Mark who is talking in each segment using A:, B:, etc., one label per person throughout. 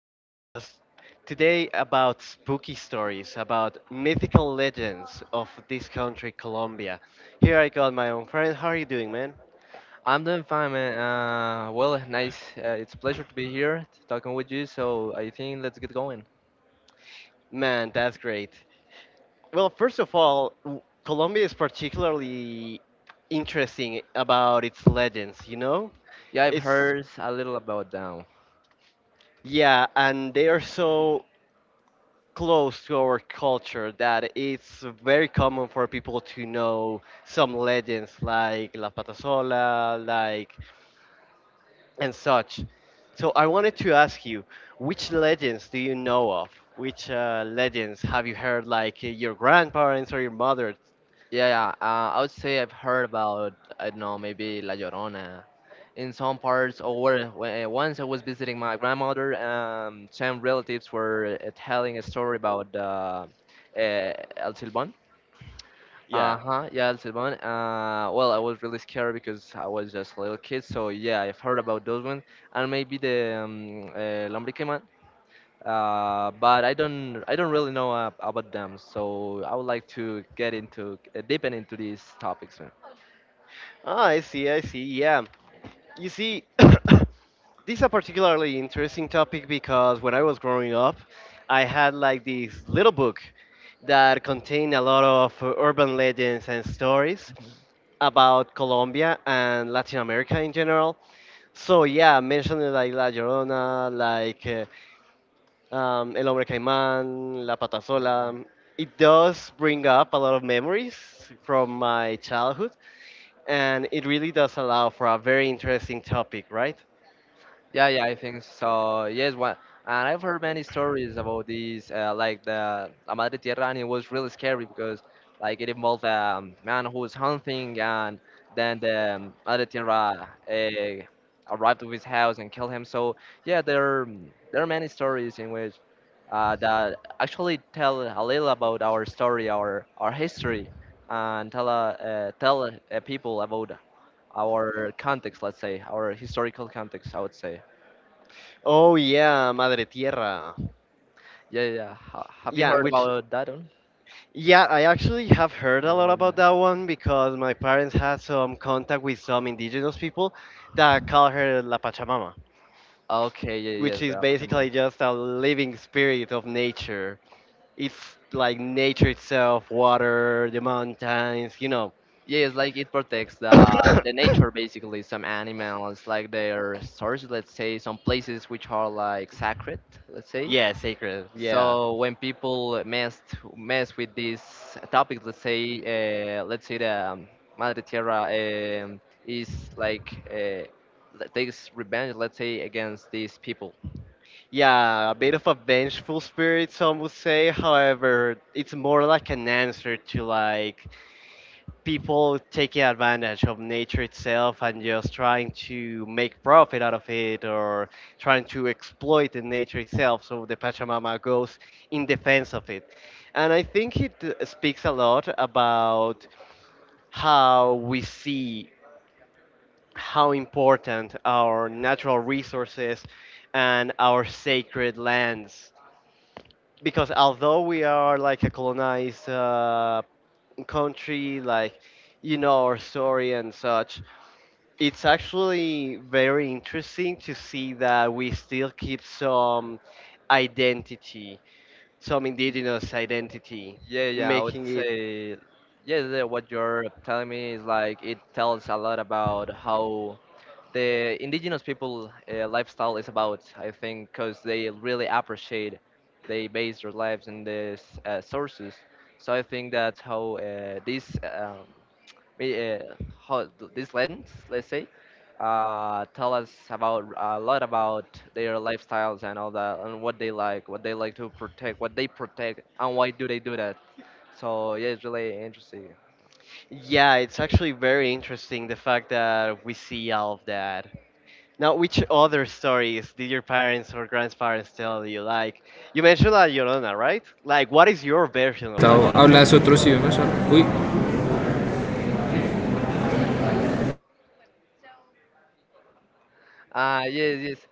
A: back with us today about spooky stories, about mythical legends of this country, Colombia. Here I got my own friend. How are you doing, man?
B: I'm doing fine, man. Nice. It's a pleasure to be here talking with you. So I think let's get going.
A: Man, that's great. Well, first of all, Colombia is particularly interesting about its legends, you know?
B: Yeah, I've
A: It's,
B: heard a little about them.
A: yeah, and they are so close to our culture that it's very common for people to know some legends like La Patasola, like and such. So I wanted to ask you, which legends do you know of? Which legends have you heard, like your grandparents or your mother?
B: Yeah. I would say I've heard about, I don't know, maybe La Llorona, in some parts. Once I was visiting my grandmother, some relatives were telling a story about El Silbón.
A: Yeah.
B: Uh-huh, yeah, that's the one. I was really scared because I was just a little kid, so yeah, I've heard about those one and maybe the Lombrique Man. But I don't really know about them, so I would like to get into, deepen into these topics.
A: Ah, I see, I see. Yeah. You see, this is a particularly interesting topic because when I was growing up, I had like this little book that contained a lot of urban legends and stories about Colombia and Latin America in general. So yeah, mentioned like La Llorona, like El Hombre Caimán, La Patasola. It does bring up a lot of memories from my childhood, and it really does allow for a very interesting topic, right?
B: Yeah, I think so. Yes, one, and I've heard many stories about this, like the La Madre Tierra, and it was really scary because, like, it involved a man who was hunting, and then the Madre Tierra arrived to his house and killed him. So yeah, there are many stories in which that actually tell a little about our story, our history, and tell people about our context, let's say, our historical context, I would say.
A: Oh, yeah, Madre Tierra.
B: Yeah. Have you
A: Yeah,
B: heard
A: which,
B: about that one?
A: yeah, I actually have heard a lot
B: Mm.
A: about that one because my parents had some contact with some indigenous people that call her La Pachamama,
B: Okay, yeah,
A: which
B: yes,
A: is
B: the Pachamama.
A: basically just a living spirit of nature. It's like nature itself, water, the mountains, you know.
B: Yes, like it protects the nature basically. Some animals, like their source, let's say, some places which are like sacred, let's say.
A: Yeah, sacred. Yeah.
B: So when people mess with this topic, let's say the Madre Tierra is like, takes revenge, let's say, against these people.
A: Yeah, a bit of a vengeful spirit, some would say. However, it's more like an answer to like people taking advantage of nature itself and just trying to make profit out of it or trying to exploit the nature itself. So the Pachamama goes in defense of it. And I think it speaks a lot about how we see how important our natural resources and our sacred lands. Because although we are like a colonized country, like you know our story and such, it's actually very interesting to see that we still keep some identity, some indigenous identity,
B: Yeah, yeah, I would
A: making it
B: say, yeah, yeah, what you're telling me is like it tells a lot about how the indigenous people lifestyle is about, I think, because they really appreciate, they base their lives in these sources. So I think that's how, we, uh, how these legends, let's say, tell us about a lot about their lifestyles and all that, and what they like to protect, what they protect, and why do they do that. So yeah, it's really interesting.
A: yeah, it's actually very interesting the fact that we see all of that. Now, which other stories did your parents or grandparents tell you? Like, you mentioned La Llorona, right? Like, what is your version of La
C: Natao,
A: Llorona?
C: ¿hablas otros idiomas? Uy,
B: Ah, yes, yes.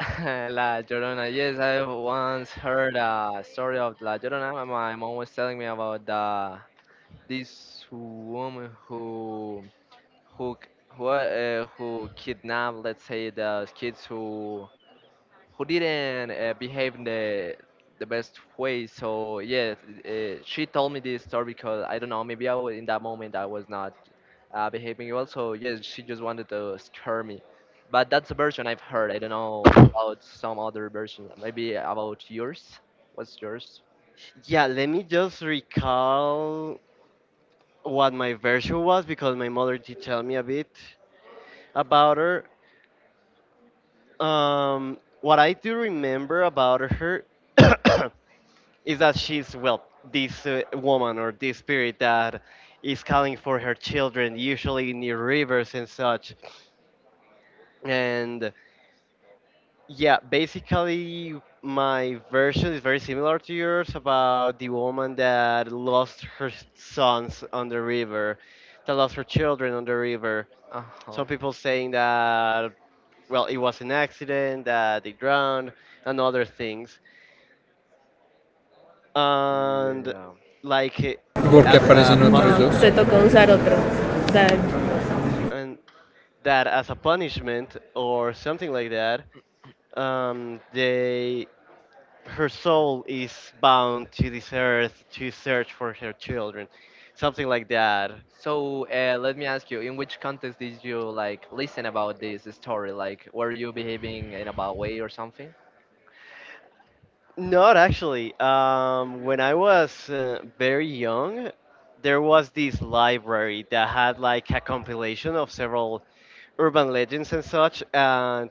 B: La Llorona. Yes, I once heard a story of La Llorona. My mom was telling me about the this woman who, who kidnapped, let's say, the kids who didn't behave in the best way. So yeah, she told me this story because I don't know, maybe I was, in that moment I was not behaving well. So yes, she just wanted to scare me. But that's a version I've heard. I don't know about some other version. Maybe about yours. What's yours?
A: Yeah, let me just recall what my version was because my mother did tell me a bit about her. What I do remember about her is that she's, well, this woman or this spirit that is calling for her children, usually near rivers and such. And yeah, basically, my version is very similar to yours about the woman that lost her sons on the river, that lost her children on the river.
B: Uh huh.
A: Some people saying that, well, it was an accident, that they drowned, and other things. And,
B: Yeah.
A: like,
C: ¿Y por qué
A: as a
C: aparecen otros? No, ¿dos?
A: punishment,
C: Te tocó usar otro. O sea,
A: and that as a punishment or something like that, they her soul is bound to this earth to search for her children, something like that.
B: So let me ask you, in which context did you like listen about this story? Like, were you behaving in a bad way or something?
A: Not actually. When I was very young, there was this library that had like a compilation of several urban legends and such, and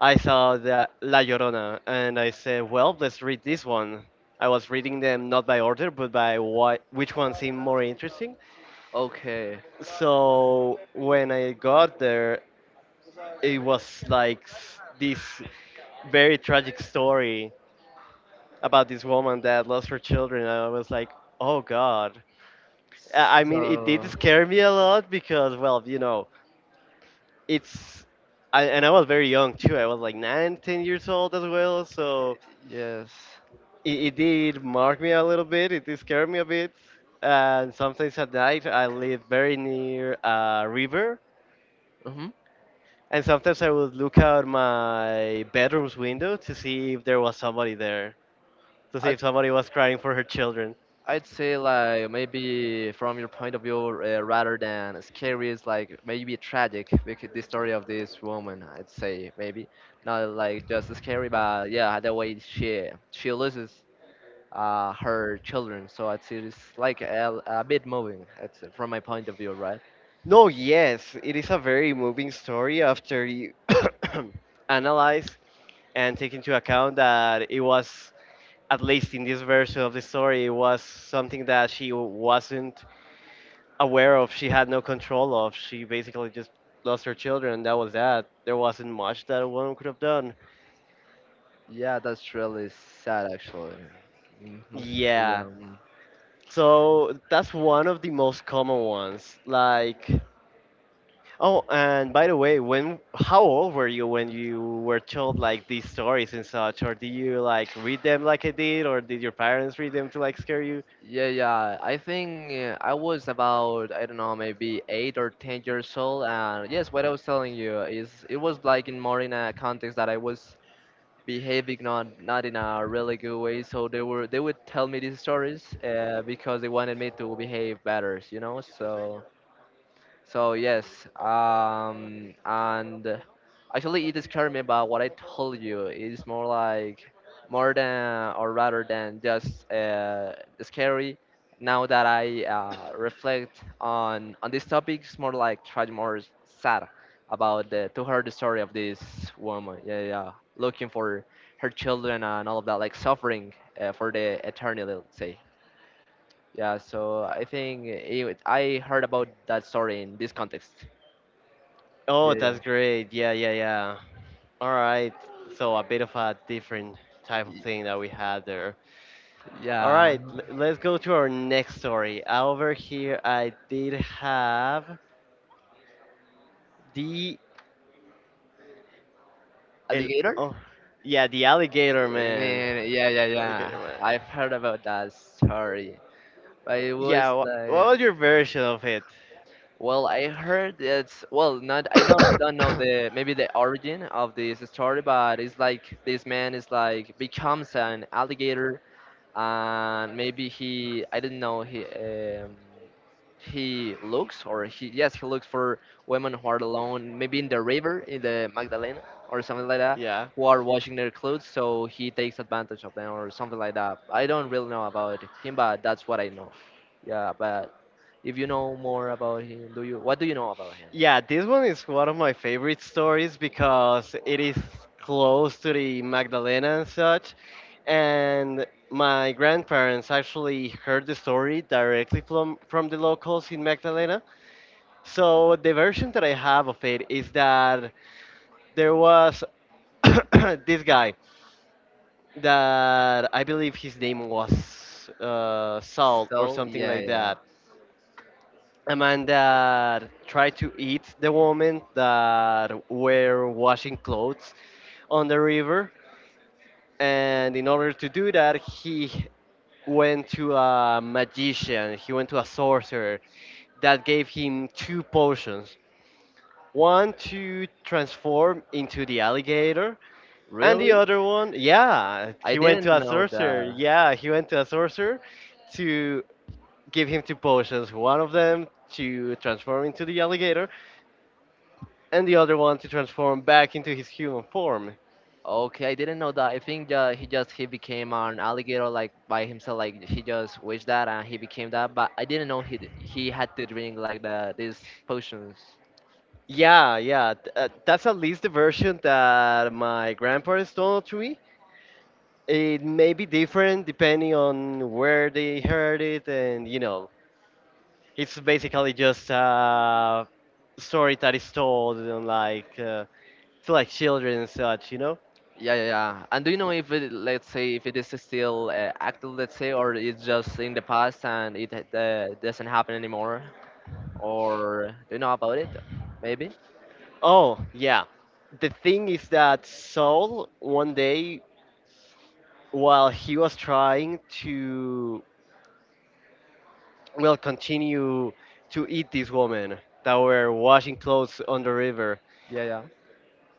A: I saw that La Llorona, and I said, well, let's read this one. I was reading them not by order, but by what, which one seemed more interesting.
B: Okay.
A: So when I got there, it was like this very tragic story about this woman that lost her children. And I was like, oh God. I mean, it did
B: So
A: scare me a lot because, well, it's. And I was very young too. I was like nine, 10 years old as well. So
B: yes,
A: it did mark me a little bit. It did scare me a bit. And sometimes at night, I live very near a river.
B: hmm,
A: And sometimes I would look out my bedroom's window to see if there was somebody there, to see
B: I'd
A: if somebody was crying for her children.
B: I'd say like maybe from your point of view, rather than scary, it's like maybe tragic because the story of this woman. I'd say maybe not like just scary, but yeah, the way she loses her children. So I'd say it's like a bit moving. I'd say, from my point of view, right?
A: No, yes, it is a very moving story after you analyze and take into account that it was, at least in this version of the story, it was something that she wasn't aware of, she had no control of. She basically just lost her children, and that was that. There wasn't much that a woman could have done.
B: Yeah, that's really sad actually. Mm-hmm. Yeah.
A: Yeah.
B: Mm-hmm.
A: So that's one of the most common ones, like. Oh, and by the way, when how old were you when you were told like these stories and such, or did you like read them like I did, or did your parents read them to like scare you?
B: Yeah. I think I was about, I don't know, maybe 8 or 10 years old. And yes, what I was telling you is it was like in more in a context that I was behaving not in a really good way. So they would tell me these stories because they wanted me to behave better, you know. So yes, and actually it scared me about what I told you. It's more like more than or rather than just scary. Now that I reflect on this topic, it's more like try more sad about the to hear the story of this woman. Yeah, yeah, looking for her children and all of that, like suffering for the eternity, let's say. Yeah, so I think it, I heard about that story in this context.
A: Oh, that's great. Yeah, yeah, yeah. All right. So a bit of a different type of
B: Y-
A: thing that we had there. All
B: Yeah.
A: right, let's go to our next story. Over here, I did have the el,
B: Alligator?
A: oh, yeah, the alligator
B: Alligator
A: man.
B: man, yeah, yeah,
A: The alligator
B: yeah.
A: man.
B: I've heard about that story, but it was
A: Yeah, wha
B: like,
A: what was your version of it?
B: well, I heard it's, well, not, I don't know the, maybe the origin of this story, but it's like this man is like becomes an alligator and maybe he, I don't know, he looks or he, yes, he looks for women who are alone, maybe in the river, in the Magdalena or something like that,
A: Yeah.
B: who are washing their clothes, so he takes advantage of them or something like that. I don't really know about him, but that's what I know. Yeah, but if you know more about him, do you, what do you know about him?
A: Yeah, this one is one of my favorite stories because it is close to the Magdalena and such. And my grandparents actually heard the story directly from the locals in Magdalena. So the version that I have of it is that there was this guy that I believe his name was Saul or
B: So
A: something
B: yeah
A: like
B: yeah
A: that. A man that tried to eat the woman that were washing clothes on the river, and in order to do that, he went to a magician, he went to a sorcerer that gave him two potions, one to transform into the alligator, and
B: really
A: the other one. yeah
B: I
A: he went
B: didn't
A: to a
B: know
A: sorcerer
B: that.
A: yeah he went to a sorcerer to give him two potions, one of them to transform into the alligator, and the other one to transform back into his human form.
B: Okay, I didn't know that. I think he just he became an alligator like by himself. Like he just wished that and he became that. But I didn't know he had to drink like these potions.
A: Yeah, yeah, that's at least the version that my grandparents told to me. It may be different depending on where they heard it, and it's basically just a story that is told on like to like children and such.
B: Yeah. And do you know if it, let's say if it is still active, let's say, or it's just in the past and it doesn't happen anymore? Or do you know about it? Maybe.
A: Oh, yeah. The thing is that Saul one day while he was trying to will continue to eat this woman that were washing clothes on the river.
B: Yeah,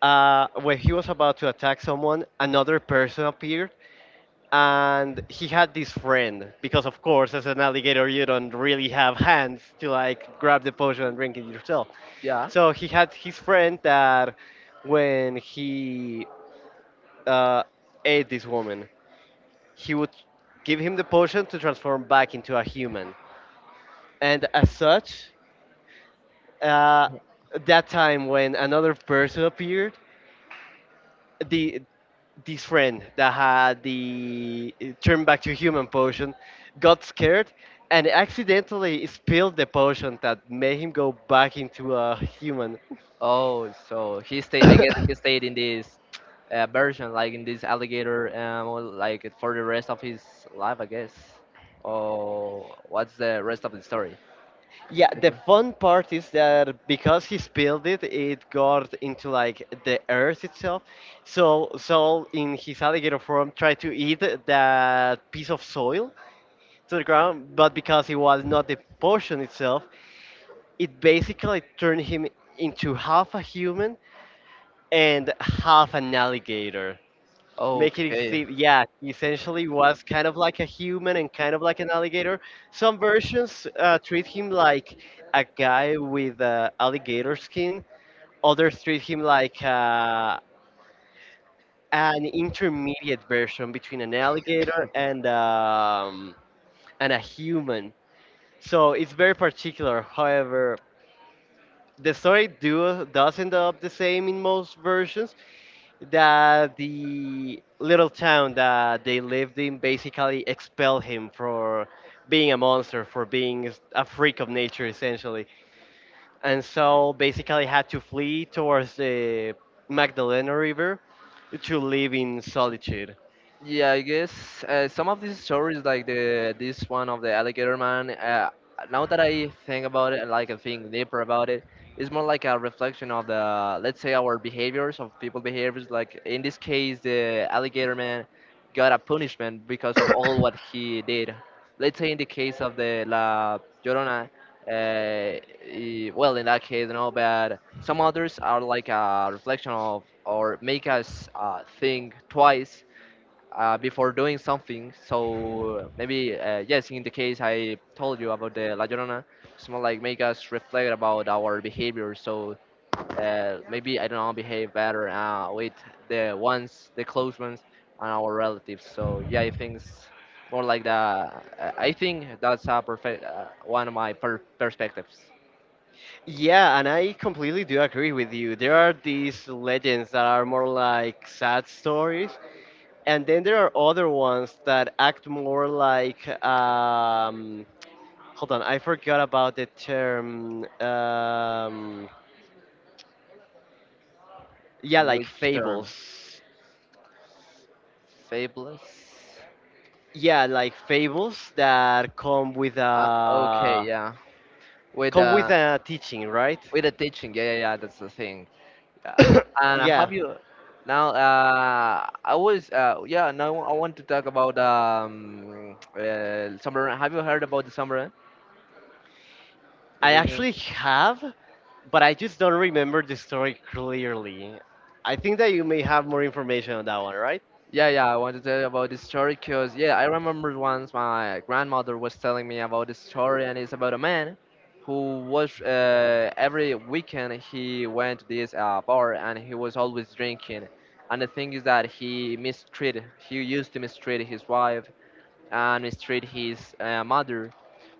A: When he was about to attack someone, another person appeared, and he had this friend because, of course, as an alligator, you don't really have hands to like grab the potion and drink it yourself.
B: yeah, yeah.
A: So he had his friend that, when he uh, ate this woman, he would give him the potion to transform back into a human, and as such, uh, that time when another person appeared, the this friend that had the turn back to human potion got scared and accidentally spilled the potion that made him go back into a human.
B: Oh, so he stayed. I guess he stayed in this version, like in this alligator, well, like for the rest of his life, I guess. Oh, what's the rest of the story?
A: Yeah, the fun part is that because he spilled it, it got into like the earth itself. So Saul, in his alligator form, tried to eat that piece of soil, to the ground, but because it was not the potion itself, it basically turned him into half a human and half an alligator. Making it
B: Okay.
A: seem, yeah, he essentially was kind of like a human and kind of like an alligator. Some versions treat him like a guy with alligator skin, others treat him like an intermediate version between an alligator and a human. So it's very particular. However, the story do does end up the same in most versions that the little town that they lived in basically expelled him for being a monster, for being a freak of nature essentially, and so basically had to flee towards the Magdalena River to live in solitude.
B: Yeah, I guess some of these stories, like the this one of the alligator man. Now that I think about it, like I think deeper about it, it's more like a reflection of the, let's say our behaviors, of people behaviors. Like in this case, the alligator man got a punishment because of all what he did. Let's say in the case of the La Llorona, well, in that case, no, but some others are like a reflection of or make us think twice before doing something. So maybe yes, in the case I told you about the La Llorona, it's more like make us reflect about our behavior. So maybe I don't know, behave better with the ones, the close ones, and our relatives. So yeah, I think it's more like the. I think that's a perfect, one of my perspectives.
A: Yeah, and I completely do agree with you. There are these legends that are more like sad stories, and then there are other ones that act more like hold on, I forgot about the term. Yeah, like
B: Which term?
A: fables.
B: Fabulous.
A: Yeah, like fables that come with
B: Okay,
A: a
B: yeah. With
A: come with
B: uh,
A: a teaching, right?
B: with the teaching, yeah. That's the thing. Uh, and have
A: Yeah,
B: you now? I was yeah. Now I want to talk about submarine. Have you heard about the submarine? The
A: I
B: big
A: actually have, but I just don't remember the story clearly. I think that you may have more information on that one, right?
B: yeah, yeah. I want to tell you about this story because yeah, I remember once my grandmother was telling me about this story, and it's about a man who was, every weekend he went to this bar and he was always drinking. And the thing is that he used to mistreat his wife and treat his mother.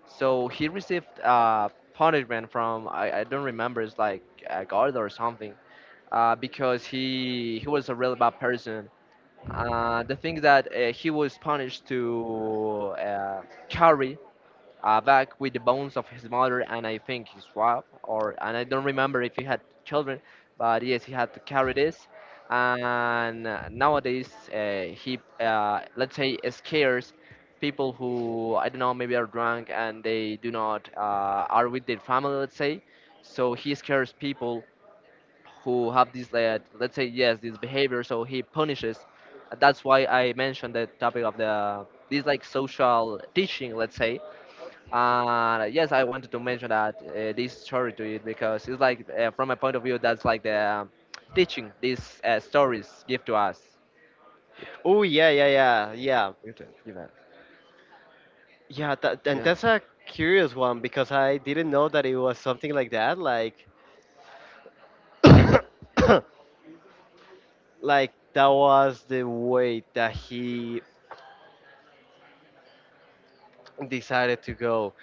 B: So he received punishment from, I don't remember, it's like a guard or something, because he was a really bad person. The thing that, he was punished to, carry back with the bones of his mother and I think his wife, or, and I don't remember if he had children, but yes, he had to carry this. And nowadays, he, let's say scares people who, I don't know, maybe are drunk and they do not are with their family, let's say. So he scares people who have this let's say, yes, this behavior. So he punishes. That's why I mentioned the topic of the this like social teaching, let's say, yes, I wanted to mention that this story to it because it's like, from my point of view, that's like the, teaching these stories give to us. Good,
A: Oh, yeah, yeah, yeah, yeah.
B: good, give that.
A: Yeah, that, and
B: Yeah,
A: that's a curious one because I didn't know that it was something like that. Like, like that was the way that he decided to go.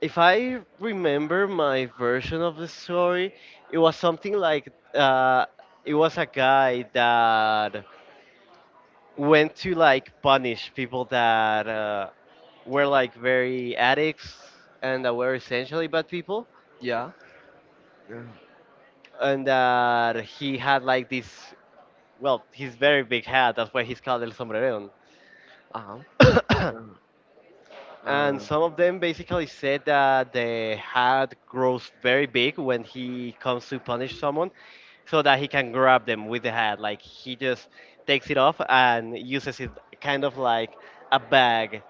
A: If I remember my version of the story, it was something like it was a guy that went to like punish people that were like very addicts and that were essentially bad people
B: Yeah. yeah.
A: and that he had like this, well, his very big hat. That's why he's called El Sombrerón.
B: Uh huh.
A: And
B: Uh,
A: some of them basically said that the hat grows very big when he comes to punish
B: uh,
A: someone, so that he can grab them with the hat. Like he just takes it off and uses it kind of like a bag.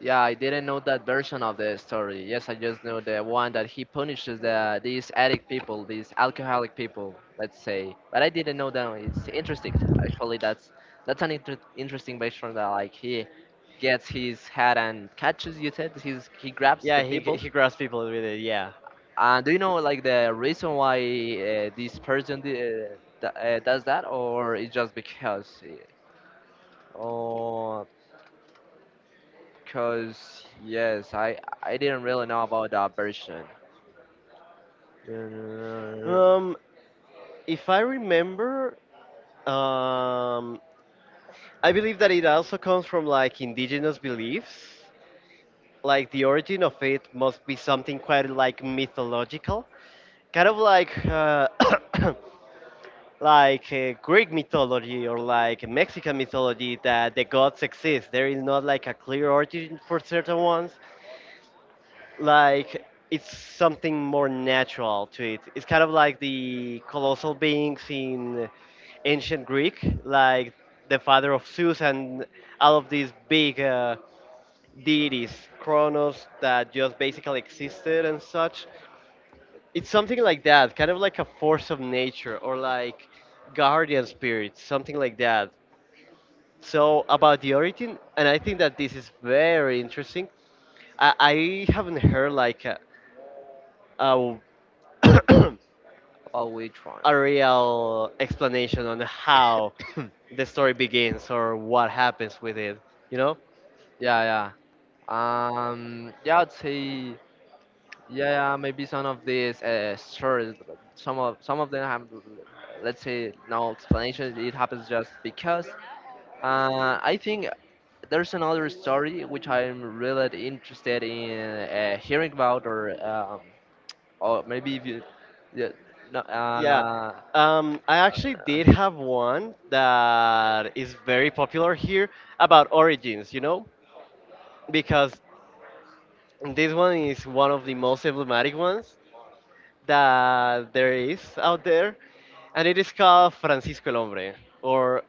B: Yeah, I didn't know that version of the story. Yes, I just know the one that he punishes these addict people, these alcoholic people, let's say. But I didn't know that. It's interesting. Actually, that's an interesting version that like he gets his head and catches. You said he grabs
A: Yeah,
B: the
A: he
B: people.
A: he grabs people with it. Yeah.
B: And do you know like the reason why this person does that, or it's just because? Or because yes, I didn't really know about that version. Oh,
A: Um, if I remember, um, I believe that it also comes from like indigenous beliefs. Like the origin of it must be something quite like mythological, kind of like like Greek mythology or like Mexican mythology that the gods exist. There is not like a clear origin for certain ones. Like it's something more natural to it. It's kind of like the colossal beings in ancient Greek, like the father of Zeus and all of these big deities, Kronos, that just basically existed and such. It's something like that, kind of like a force of nature or like guardian spirits, something like that. So about the origin, and I think that this is very interesting. I haven't heard like a,
B: which one?
A: a real explanation on how the story begins or what happens with it. You know?
B: Yeah, yeah, I'd say, yeah, maybe some of these stories, some of them have, let's say, no explanations. It happens just because. I think there's another story which I'm really interested in hearing about, or maybe if you, yeah, no,
A: Yeah. I actually did have one that is very popular here about origins, because this one is one of the most emblematic ones that there is out there, and it is called Francisco el Hombre or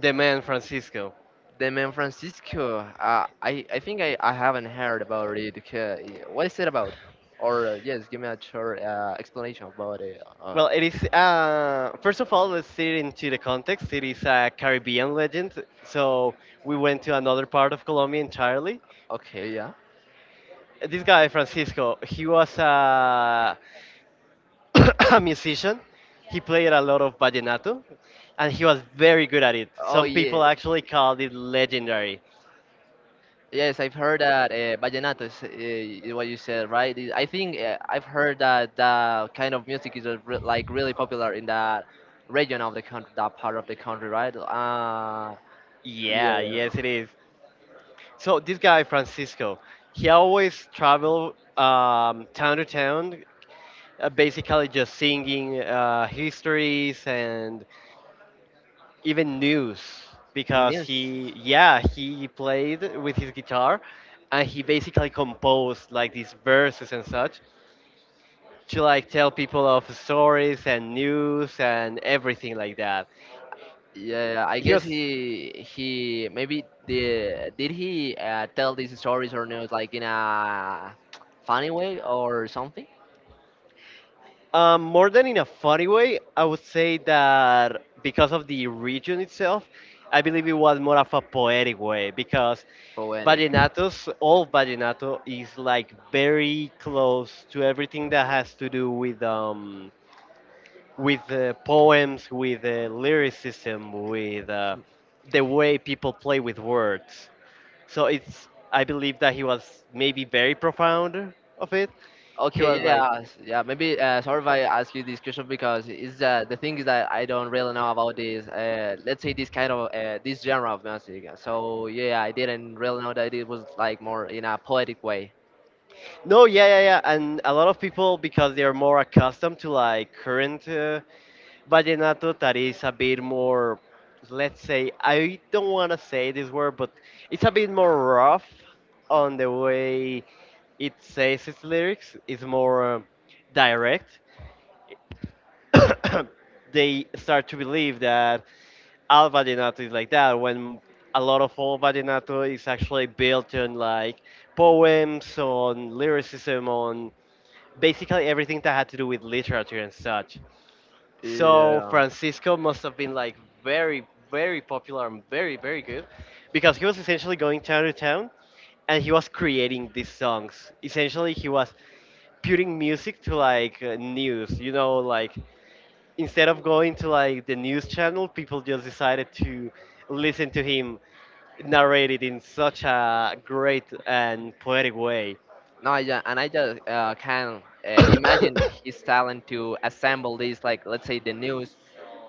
A: the man Francisco.
B: The Man Francisco. I think I haven't heard about it. Okay, what is it about? Or yes, give me a short explanation about it.
A: Well, it is, first of all, let's see it into the context. It is a Caribbean legend, so we went to another part of Colombia entirely.
B: Okay, yeah.
A: This guy, Francisco, he was a a musician. He played a lot of vallenato, and he was very good at it.
B: Oh
A: Some
B: yeah.
A: people actually called it legendary.
B: Yes, I've heard that vallenato is what you said, right? I think I've heard that that kind of music is re like really popular in that region of the country, that part of the country, right? Yeah.
A: Yeah, yes, it
B: Yeah.
A: is. So this guy Francisco, he always traveled town to town, basically just singing histories and even news because
B: Nils.
A: yeah, he played with his guitar and he basically composed like these verses and such to like tell people of stories and news and everything like that.
B: Yeah, I
A: He
B: guess
A: was
B: he maybe the did he tell these stories or news like in a funny way or something,
A: more than in a funny way. I would say that because of the region itself, I believe it was more of a poetic way because
B: but poetic.
A: vallenatos, all vallenato is like very close to everything that has to do with poems, with lyricism, with the way people play with words. So it's I believe that he was maybe very profound of it. He
B: Okay, yeah,
A: was like,
B: yeah, yeah. Maybe sorry if I ask you this question because is the thing is that I don't really know about this. Let's say this kind of this genre of music. So yeah, I didn't really know that it was like more in a poetic way.
A: no, yeah, yeah, yeah, and a lot of people because they are more accustomed to like current vallenato that is a bit more, let's say, I don't want to say this word, but it's a bit more rough on the way it says its lyrics. It's more direct. They start to believe that all vallenato is like that when a lot of old vallenato is actually built on like poems, on lyricism, on basically everything that had to do with literature and such.
B: So
A: So
B: yeah.
A: Francisco must have been like very, very popular and very, very good because he was essentially going town to town, and he was creating these songs. Essentially, he was putting music to like news, like instead of going to like the news channel, people just decided to listen to him narrate it in such a great and poetic way.
B: No, I just can imagine his talent to assemble this, like let's say the news,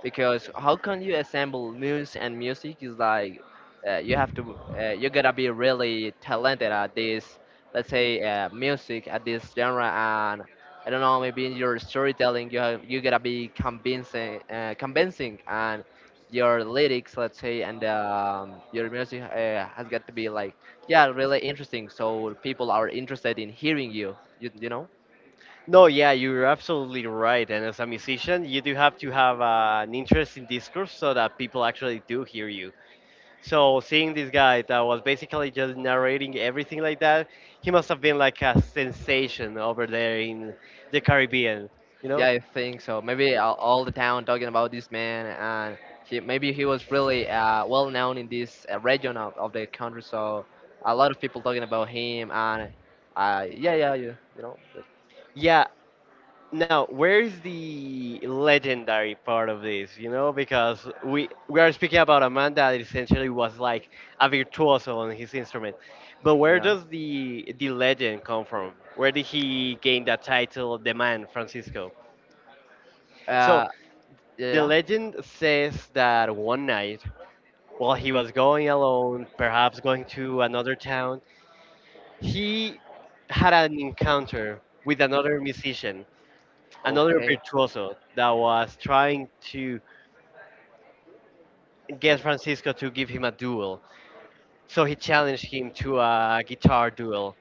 B: because how can you assemble news and music is like you have to you gotta be really talented at this, let's say music at this genre, and I don't know, maybe in your storytelling you have you gotta be convincing, and your lyrics let's say and your music has got to be like yeah, really interesting. So people are interested in hearing you. You know?
A: No, yeah, you're absolutely right. And as a musician, you do have to have an interest in discourse so that people actually do hear you. So seeing this guy that was basically just narrating everything like that, he must have been like a sensation over there in the Caribbean, you know?
B: Yeah, I think so. Maybe all the town talking about this man, and maybe he was really well known in this region of the country. So a lot of people talking about him, and yeah, yeah, you know, but,
A: Yeah. Now, where's the legendary part of this? You know, because we are speaking about a man that essentially was like a virtuoso on his instrument, but where
B: yeah,
A: does the legend come from? Where did he gain that title, the man Francisco? So
B: uh,
A: the
B: yeah.
A: legend says that one night, while he was going alone, perhaps going to another town, he had an encounter with another musician, another
B: Okay.
A: virtuoso that was trying to gets Francisco to give him a duel. So he challenged him to a guitar duel.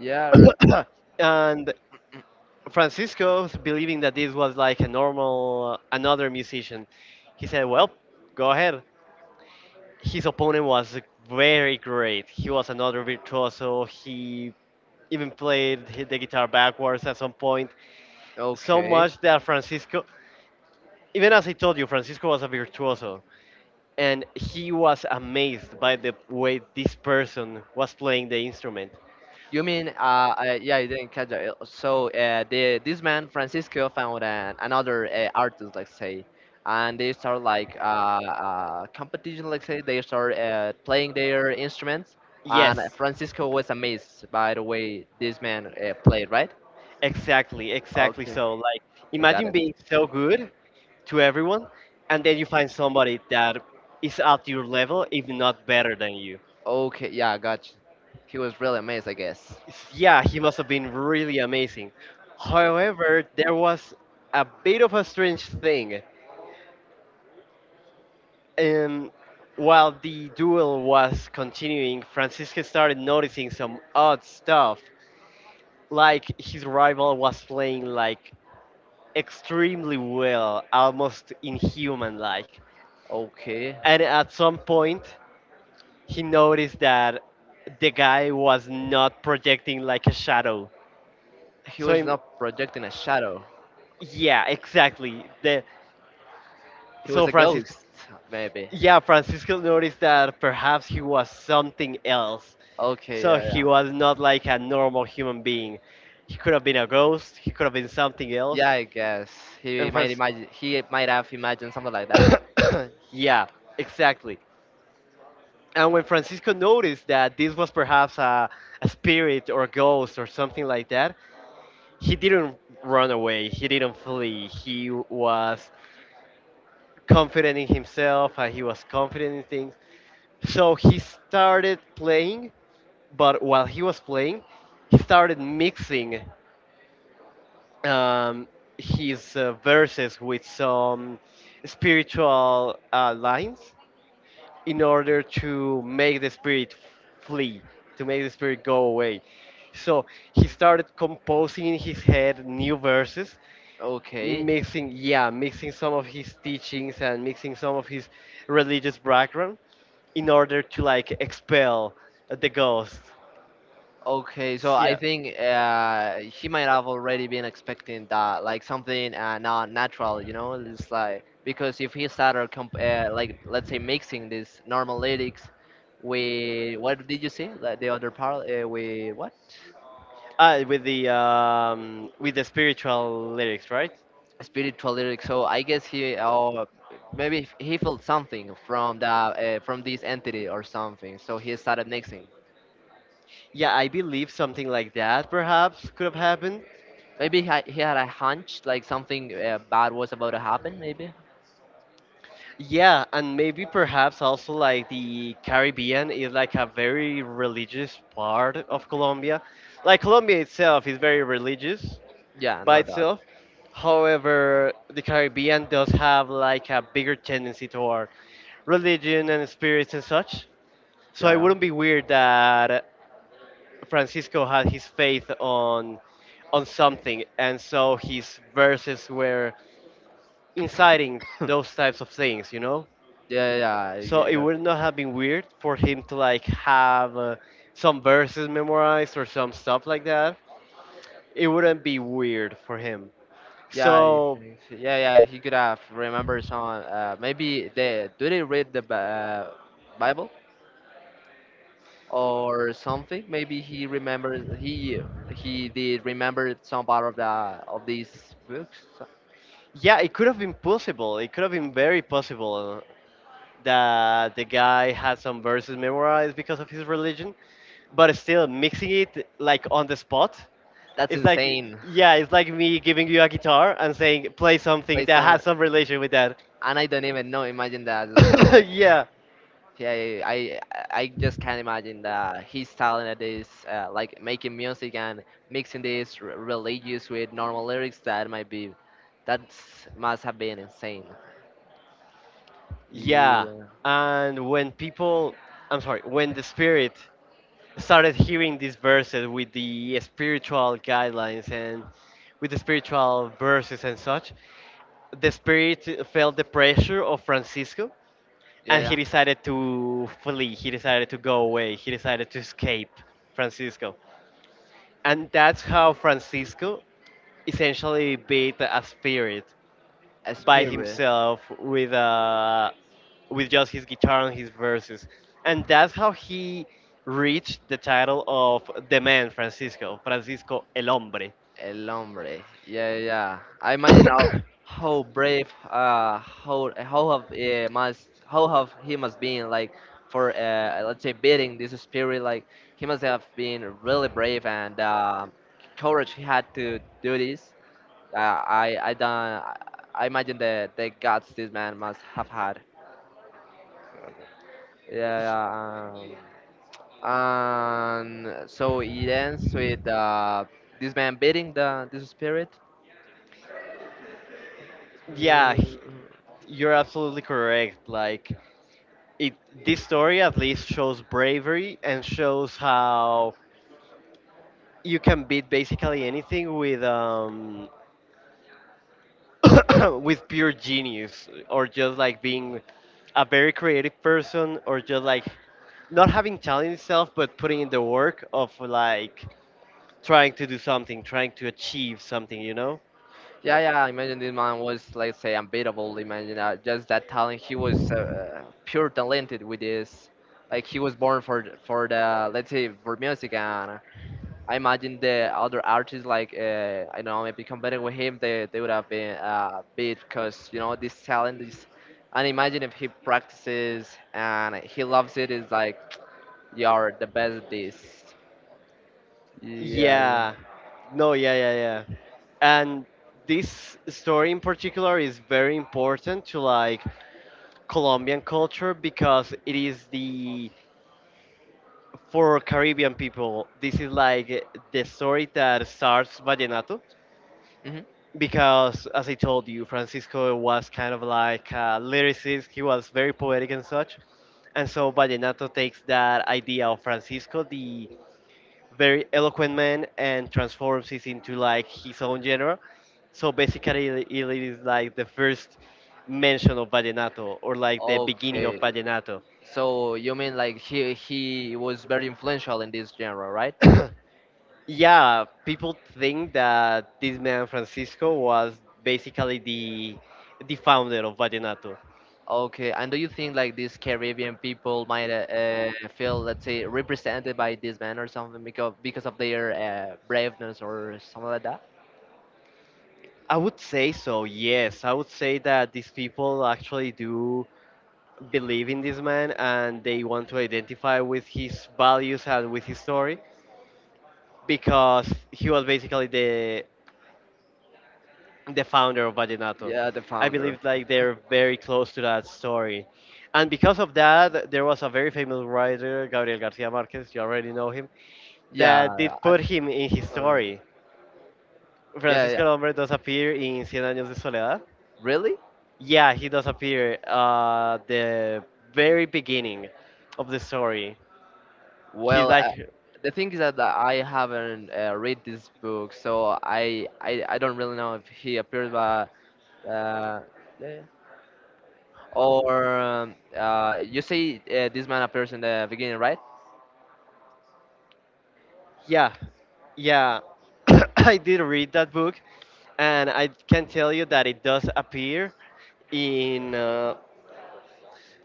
B: Yeah.
A: And Francisco, believing that this was like a normal, another musician, he said, "Well, go ahead." His opponent was very great. He was another virtuoso. He even played the guitar backwards at some point. So
B: Okay.
A: much that Francisco, even as I told you, Francisco was a virtuoso, and he was amazed by the way this person was playing the instrument.
B: You mean, yeah, you didn't catch that. So the this man Francisco found another artist, let's say, and they start like competition, let's say. They start playing their instruments, and
A: Yes,
B: Francisco was amazed by the way this man played, right?
A: exactly, exactly.
B: Okay,
A: So, like,
B: I got
A: imagine
B: it.
A: being so good to everyone, and then you find somebody that is at your level, if not better than you.
B: Okay, yeah, I got you. He was really amazed, I guess.
A: Yeah, he must have been really amazing. However, there was a bit of a strange thing. And while the duel was continuing, Francisco started noticing some odd stuff, like his rival was playing like extremely well, almost inhuman like.
B: Okay,
A: And at some point, he noticed that the guy was not projecting like a shadow.
B: he
A: So
B: was
A: him,
B: not projecting a shadow.
A: yeah, exactly. The
B: He was
A: so
B: a ghost, maybe.
A: Francisco noticed that perhaps he was something else.
B: Okay,
A: So
B: yeah,
A: he
B: yeah.
A: was not like a normal human being. He could have been a ghost, he could have been something else.
B: Yeah, I guess
A: And Francis.
B: he might have imagined something like that.
A: Yeah, exactly. And when Francisco noticed that this was perhaps a spirit or a ghost or something like that, he didn't run away, he didn't flee. He was confident in himself and he was confident in things. So he started playing, but while he was playing, he started mixing um, his verses with some spiritual lines in order to make the spirit flee, to make the spirit go away. So he started composing in his head new verses,
B: Okay.
A: mixing, yeah, mixing some of his teachings and mixing some of his religious background in order to like expel the ghost.
B: Okay, so I
A: Yeah.
B: think he might have already been expecting that, like something not natural, you know. It's like, because if he started comp like let's say mixing this normal lyrics with what did you say? Like the other part with what?
A: Ah, with the spiritual lyrics, right?
B: Spiritual lyrics. So I guess he, or maybe he felt something from the from this entity or something. So he started mixing.
A: Yeah, I believe something like that perhaps could have happened.
B: Maybe he had a hunch like something bad was about to happen. Maybe.
A: Yeah, and maybe perhaps also like the Caribbean is like a very religious part of Colombia. Like Colombia itself is very religious
B: Yeah,
A: by
B: not that.
A: itself. However, the Caribbean does have like a bigger tendency toward religion and spirits and such. So
B: Yeah,
A: it
B: yeah.
A: wouldn't be weird that Francisco had his faith on something and so his verses were inciting those types of things, you know?
B: Yeah, yeah,
A: So
B: yeah,
A: it would
B: exactly.
A: not have been weird for him to like have some verses memorized or some stuff like that. It wouldn't be weird for him.
B: Yeah, I
A: So
B: think so. Yeah, yeah. He could have remembered some. Maybe they read the Bible or something. Maybe he he did remember some part of the of these books. So,
A: yeah, it could have been possible. It could have been very possible that the guy had some verses memorized because of his religion, but still mixing it like on the spot.
B: that's
A: It's like
B: insane.
A: yeah, it's like me giving you a guitar and saying play something
B: Play
A: that
B: some,
A: has some relation with that.
B: and I don't even know. Imagine that. So
A: Yeah.
B: yeah, yeah, I just can't imagine that his talent at this, like making music and mixing this religious with normal lyrics. That must have been insane. Yeah,
A: Yeah, and when people, I'm sorry, when the spirit started hearing these verses with the spiritual guidelines and with the spiritual verses and such, the spirit felt the pressure of Francisco
B: yeah,
A: and
B: yeah.
A: he decided to flee, he decided to go away, he decided to escape Francisco. And that's how Francisco essentially beat a spirit
B: A
A: by
B: spirit.
A: himself with just his guitar and his verses, and that's how he reached the title of the man Francisco, Francisco el hombre.
B: El hombre. Yeah, yeah. Yeah. I imagine how brave, how have must how have he must been, like for let's say beating this spirit. Like he must have been really brave and courage he had to do this. I don't. I imagine the guts this man must have had. Yeah, yeah. And so it ends with this man beating the this spirit.
A: Yeah,
B: Mm,
A: you're absolutely correct. Like it, this story at least shows bravery and shows how you can beat basically anything with with pure genius or just like being a very creative person or just like not having talent itself but putting in the work of like trying to do something, trying to achieve something, you know?
B: yeah, yeah. Imagine this man was, let's say, unbeatable. Imagine just that talent. He was pure talented with this. Like he was born for for the, let's say for music. And I imagine the other artists like I don't know, maybe competing with him, they would have been beat because you know this talent is. And imagine if he practices and he loves it. It's like you are the best at this. Yeah.
A: Yeah. No, yeah, yeah, yeah. And this story in particular is very important to like Colombian culture because it is the, for Caribbean people this is like the story that starts vallenato,
B: Hmm.
A: because as I told you, Francisco was kind of like a lyricist. He was very poetic and such. And so vallenato takes that idea of Francisco, the very eloquent man, and transforms it into like his own genre. So basically, it is like the first mention of vallenato or like the beginning of
B: Okay.
A: vallenato.
B: So you mean like he was very influential in this genre, right?
A: Yeah, people think that this man Francisco was basically the founder of vallenato.
B: Okay, and do you think like these Caribbean people might feel, let's say, represented by this man or something, because of their braveness or something like that?
A: I would say so, yes. I would say that these people actually do believe in this man and they want to identify with his values and with his story because he was basically the founder of Vallenato.
B: Yeah, the
A: I
B: founder.
A: believe like they're very close to that story. And because of that, there was a very famous writer, Gabriel Garcia Marquez, you already know him,
B: Yeah,
A: that did put
B: I've
A: him in his
B: heard of it.
A: story.
B: Yeah, yeah.
A: Francisco Lombre does appear in Cien Años de Soledad.
B: Really?
A: Yeah, he does appear the very beginning of the story. He's
B: Well,
A: like,
B: the thing is that I haven't read this book, so I don't really know if he appeared, but uh, yeah. Yeah. Or you say this man appears in the beginning, right?
A: yeah, yeah, I did read that book, and I can tell you that it does appear in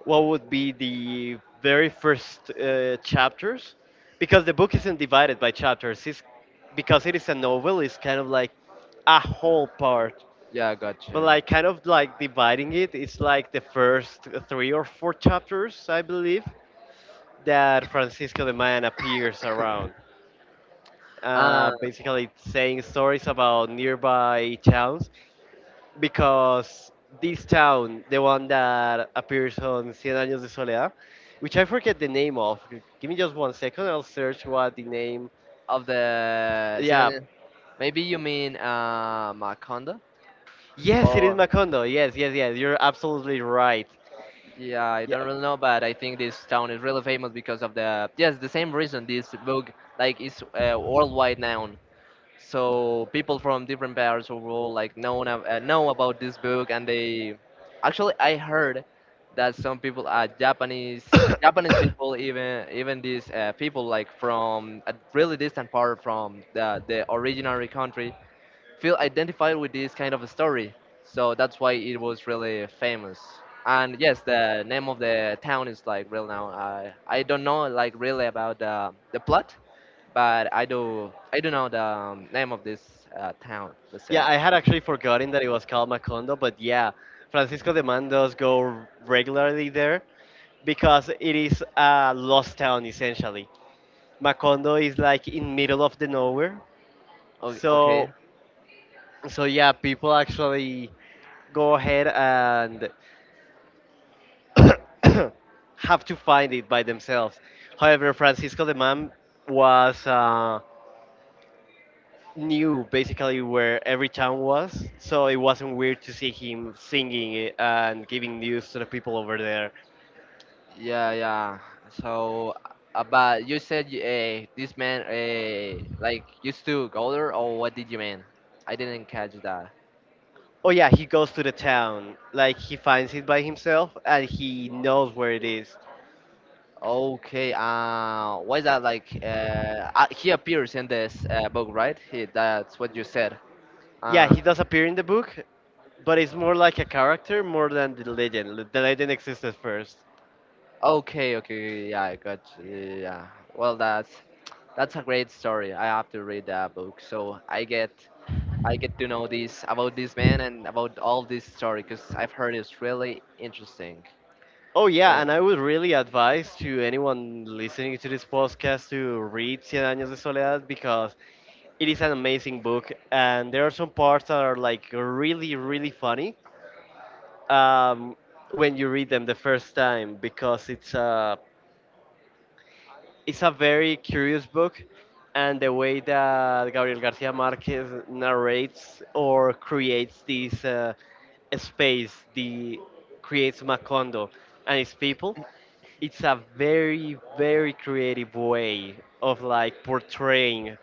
A: what would be the very first chapters, because the book isn't divided by chapters. It's because it is a novel. It's kind of like a whole part.
B: Yeah,
A: But
B: gotcha.
A: like kind of like dividing it, it's like the first three or four chapters, I believe, that Francisco the Man appears around.
B: Uh,
A: Basically, saying stories about nearby towns because this town, the one that appears on Cien Años de Soledad, which I forget the name of. Give me just one second. I'll search what the name.
B: of the
A: Yeah.
B: synonym, maybe you mean Macondo?
A: Yes, it is
B: Or
A: Macondo. Yes, yes, yes. You're absolutely right.
B: yeah, I
A: Yeah.
B: don't really know, but I think this town is really famous because of the, yes, the same reason this book like is a worldwide noun. So people from different parts of the world like know about this book, and they actually I heard that some people Japanese people, even even these people like from a really distant part from the originary country, feel identified with this kind of a story. So that's why it was really famous. And yes, the name of the town is like real now. I don't know like really about the plot, but I don't know the name of this town. Let's say.
A: Yeah, I had actually forgotten that it was called Macondo, but yeah, Francisco de Man does go regularly there because it is a lost town essentially. Macondo is like in middle of the nowhere,
B: Okay. Okay.
A: so so yeah, people actually go ahead and have to find it by themselves. However, Francisco de Man was knew basically where every town was, so it wasn't weird to see him singing it and giving news to the people over there.
B: Yeah, yeah. So, but you said this man like used to go there, or what did you mean? I didn't catch that.
A: Oh yeah, he goes to the town, like he finds it by himself and he knows where it is.
B: Okay. Why is that like? He appears in this book, right? He, that's what you said.
A: Yeah,
B: Uh,
A: he does appear in the book, but it's more like a character more than the legend. The legend existed first.
B: okay, okay. Yeah. Well, that's a great story. I have to read that book, so I get to know this about this man and about all this story, because I've heard it's really interesting.
A: Oh yeah,
B: Yeah.
A: and I would really advise to anyone listening to this podcast to read Cien Años de Soledad because it is an amazing book, and there are some parts that are like really, really funny um, when you read them the first time because it's a very curious book, and the way that Gabriel Garcia Marquez narrates or creates this space, the creates Macondo and its people, it's a very, very creative way of like portraying,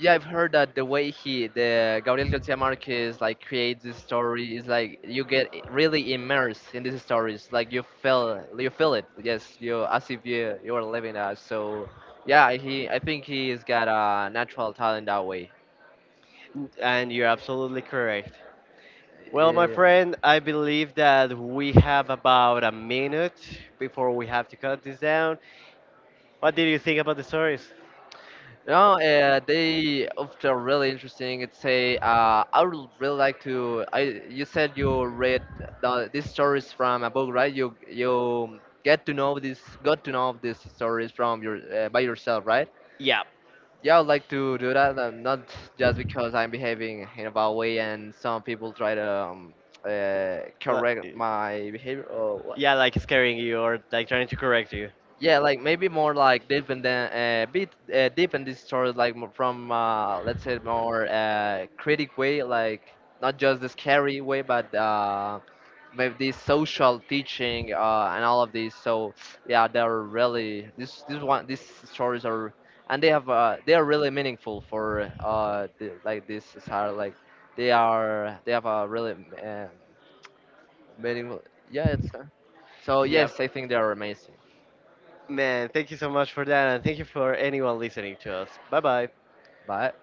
B: Yeah, I've heard that the way the Gabriel Garcia Marquez, like creates this story is like you get really immersed in these stories. Like you feel it. Yes, you, as if you are living that. So yeah, he, I think he's got a natural talent that way.
A: and you're absolutely correct. Well, my
B: Yeah.
A: friend, I believe that we have about a minute before we have to cut this down. What did you think about the stories?
B: No, they often really interesting. It's a, I would really like to. I You said you read these stories from a book, right? You get to know this, got to know these stories from your by yourself, right?
A: Yeah.
B: Yeah, I'd like to do that. Not just because I'm behaving in a bad way and some people try to correct
A: li-
B: my behavior or what.
A: Yeah, like scaring you or like trying to correct you.
B: Yeah, like maybe more like deep in the bit deep in this story, like from let's say more critic way, like not just the scary way, but maybe this social teaching and all of these. So yeah, they're really, this one these stories are, and they have they are really meaningful for like this society. Like they have a really um meaningful. Yeah, it's so
A: Yep.
B: yes, I think they are amazing,
A: Man, thank you so much for that and thank you for anyone listening to us. Bye bye.
B: but.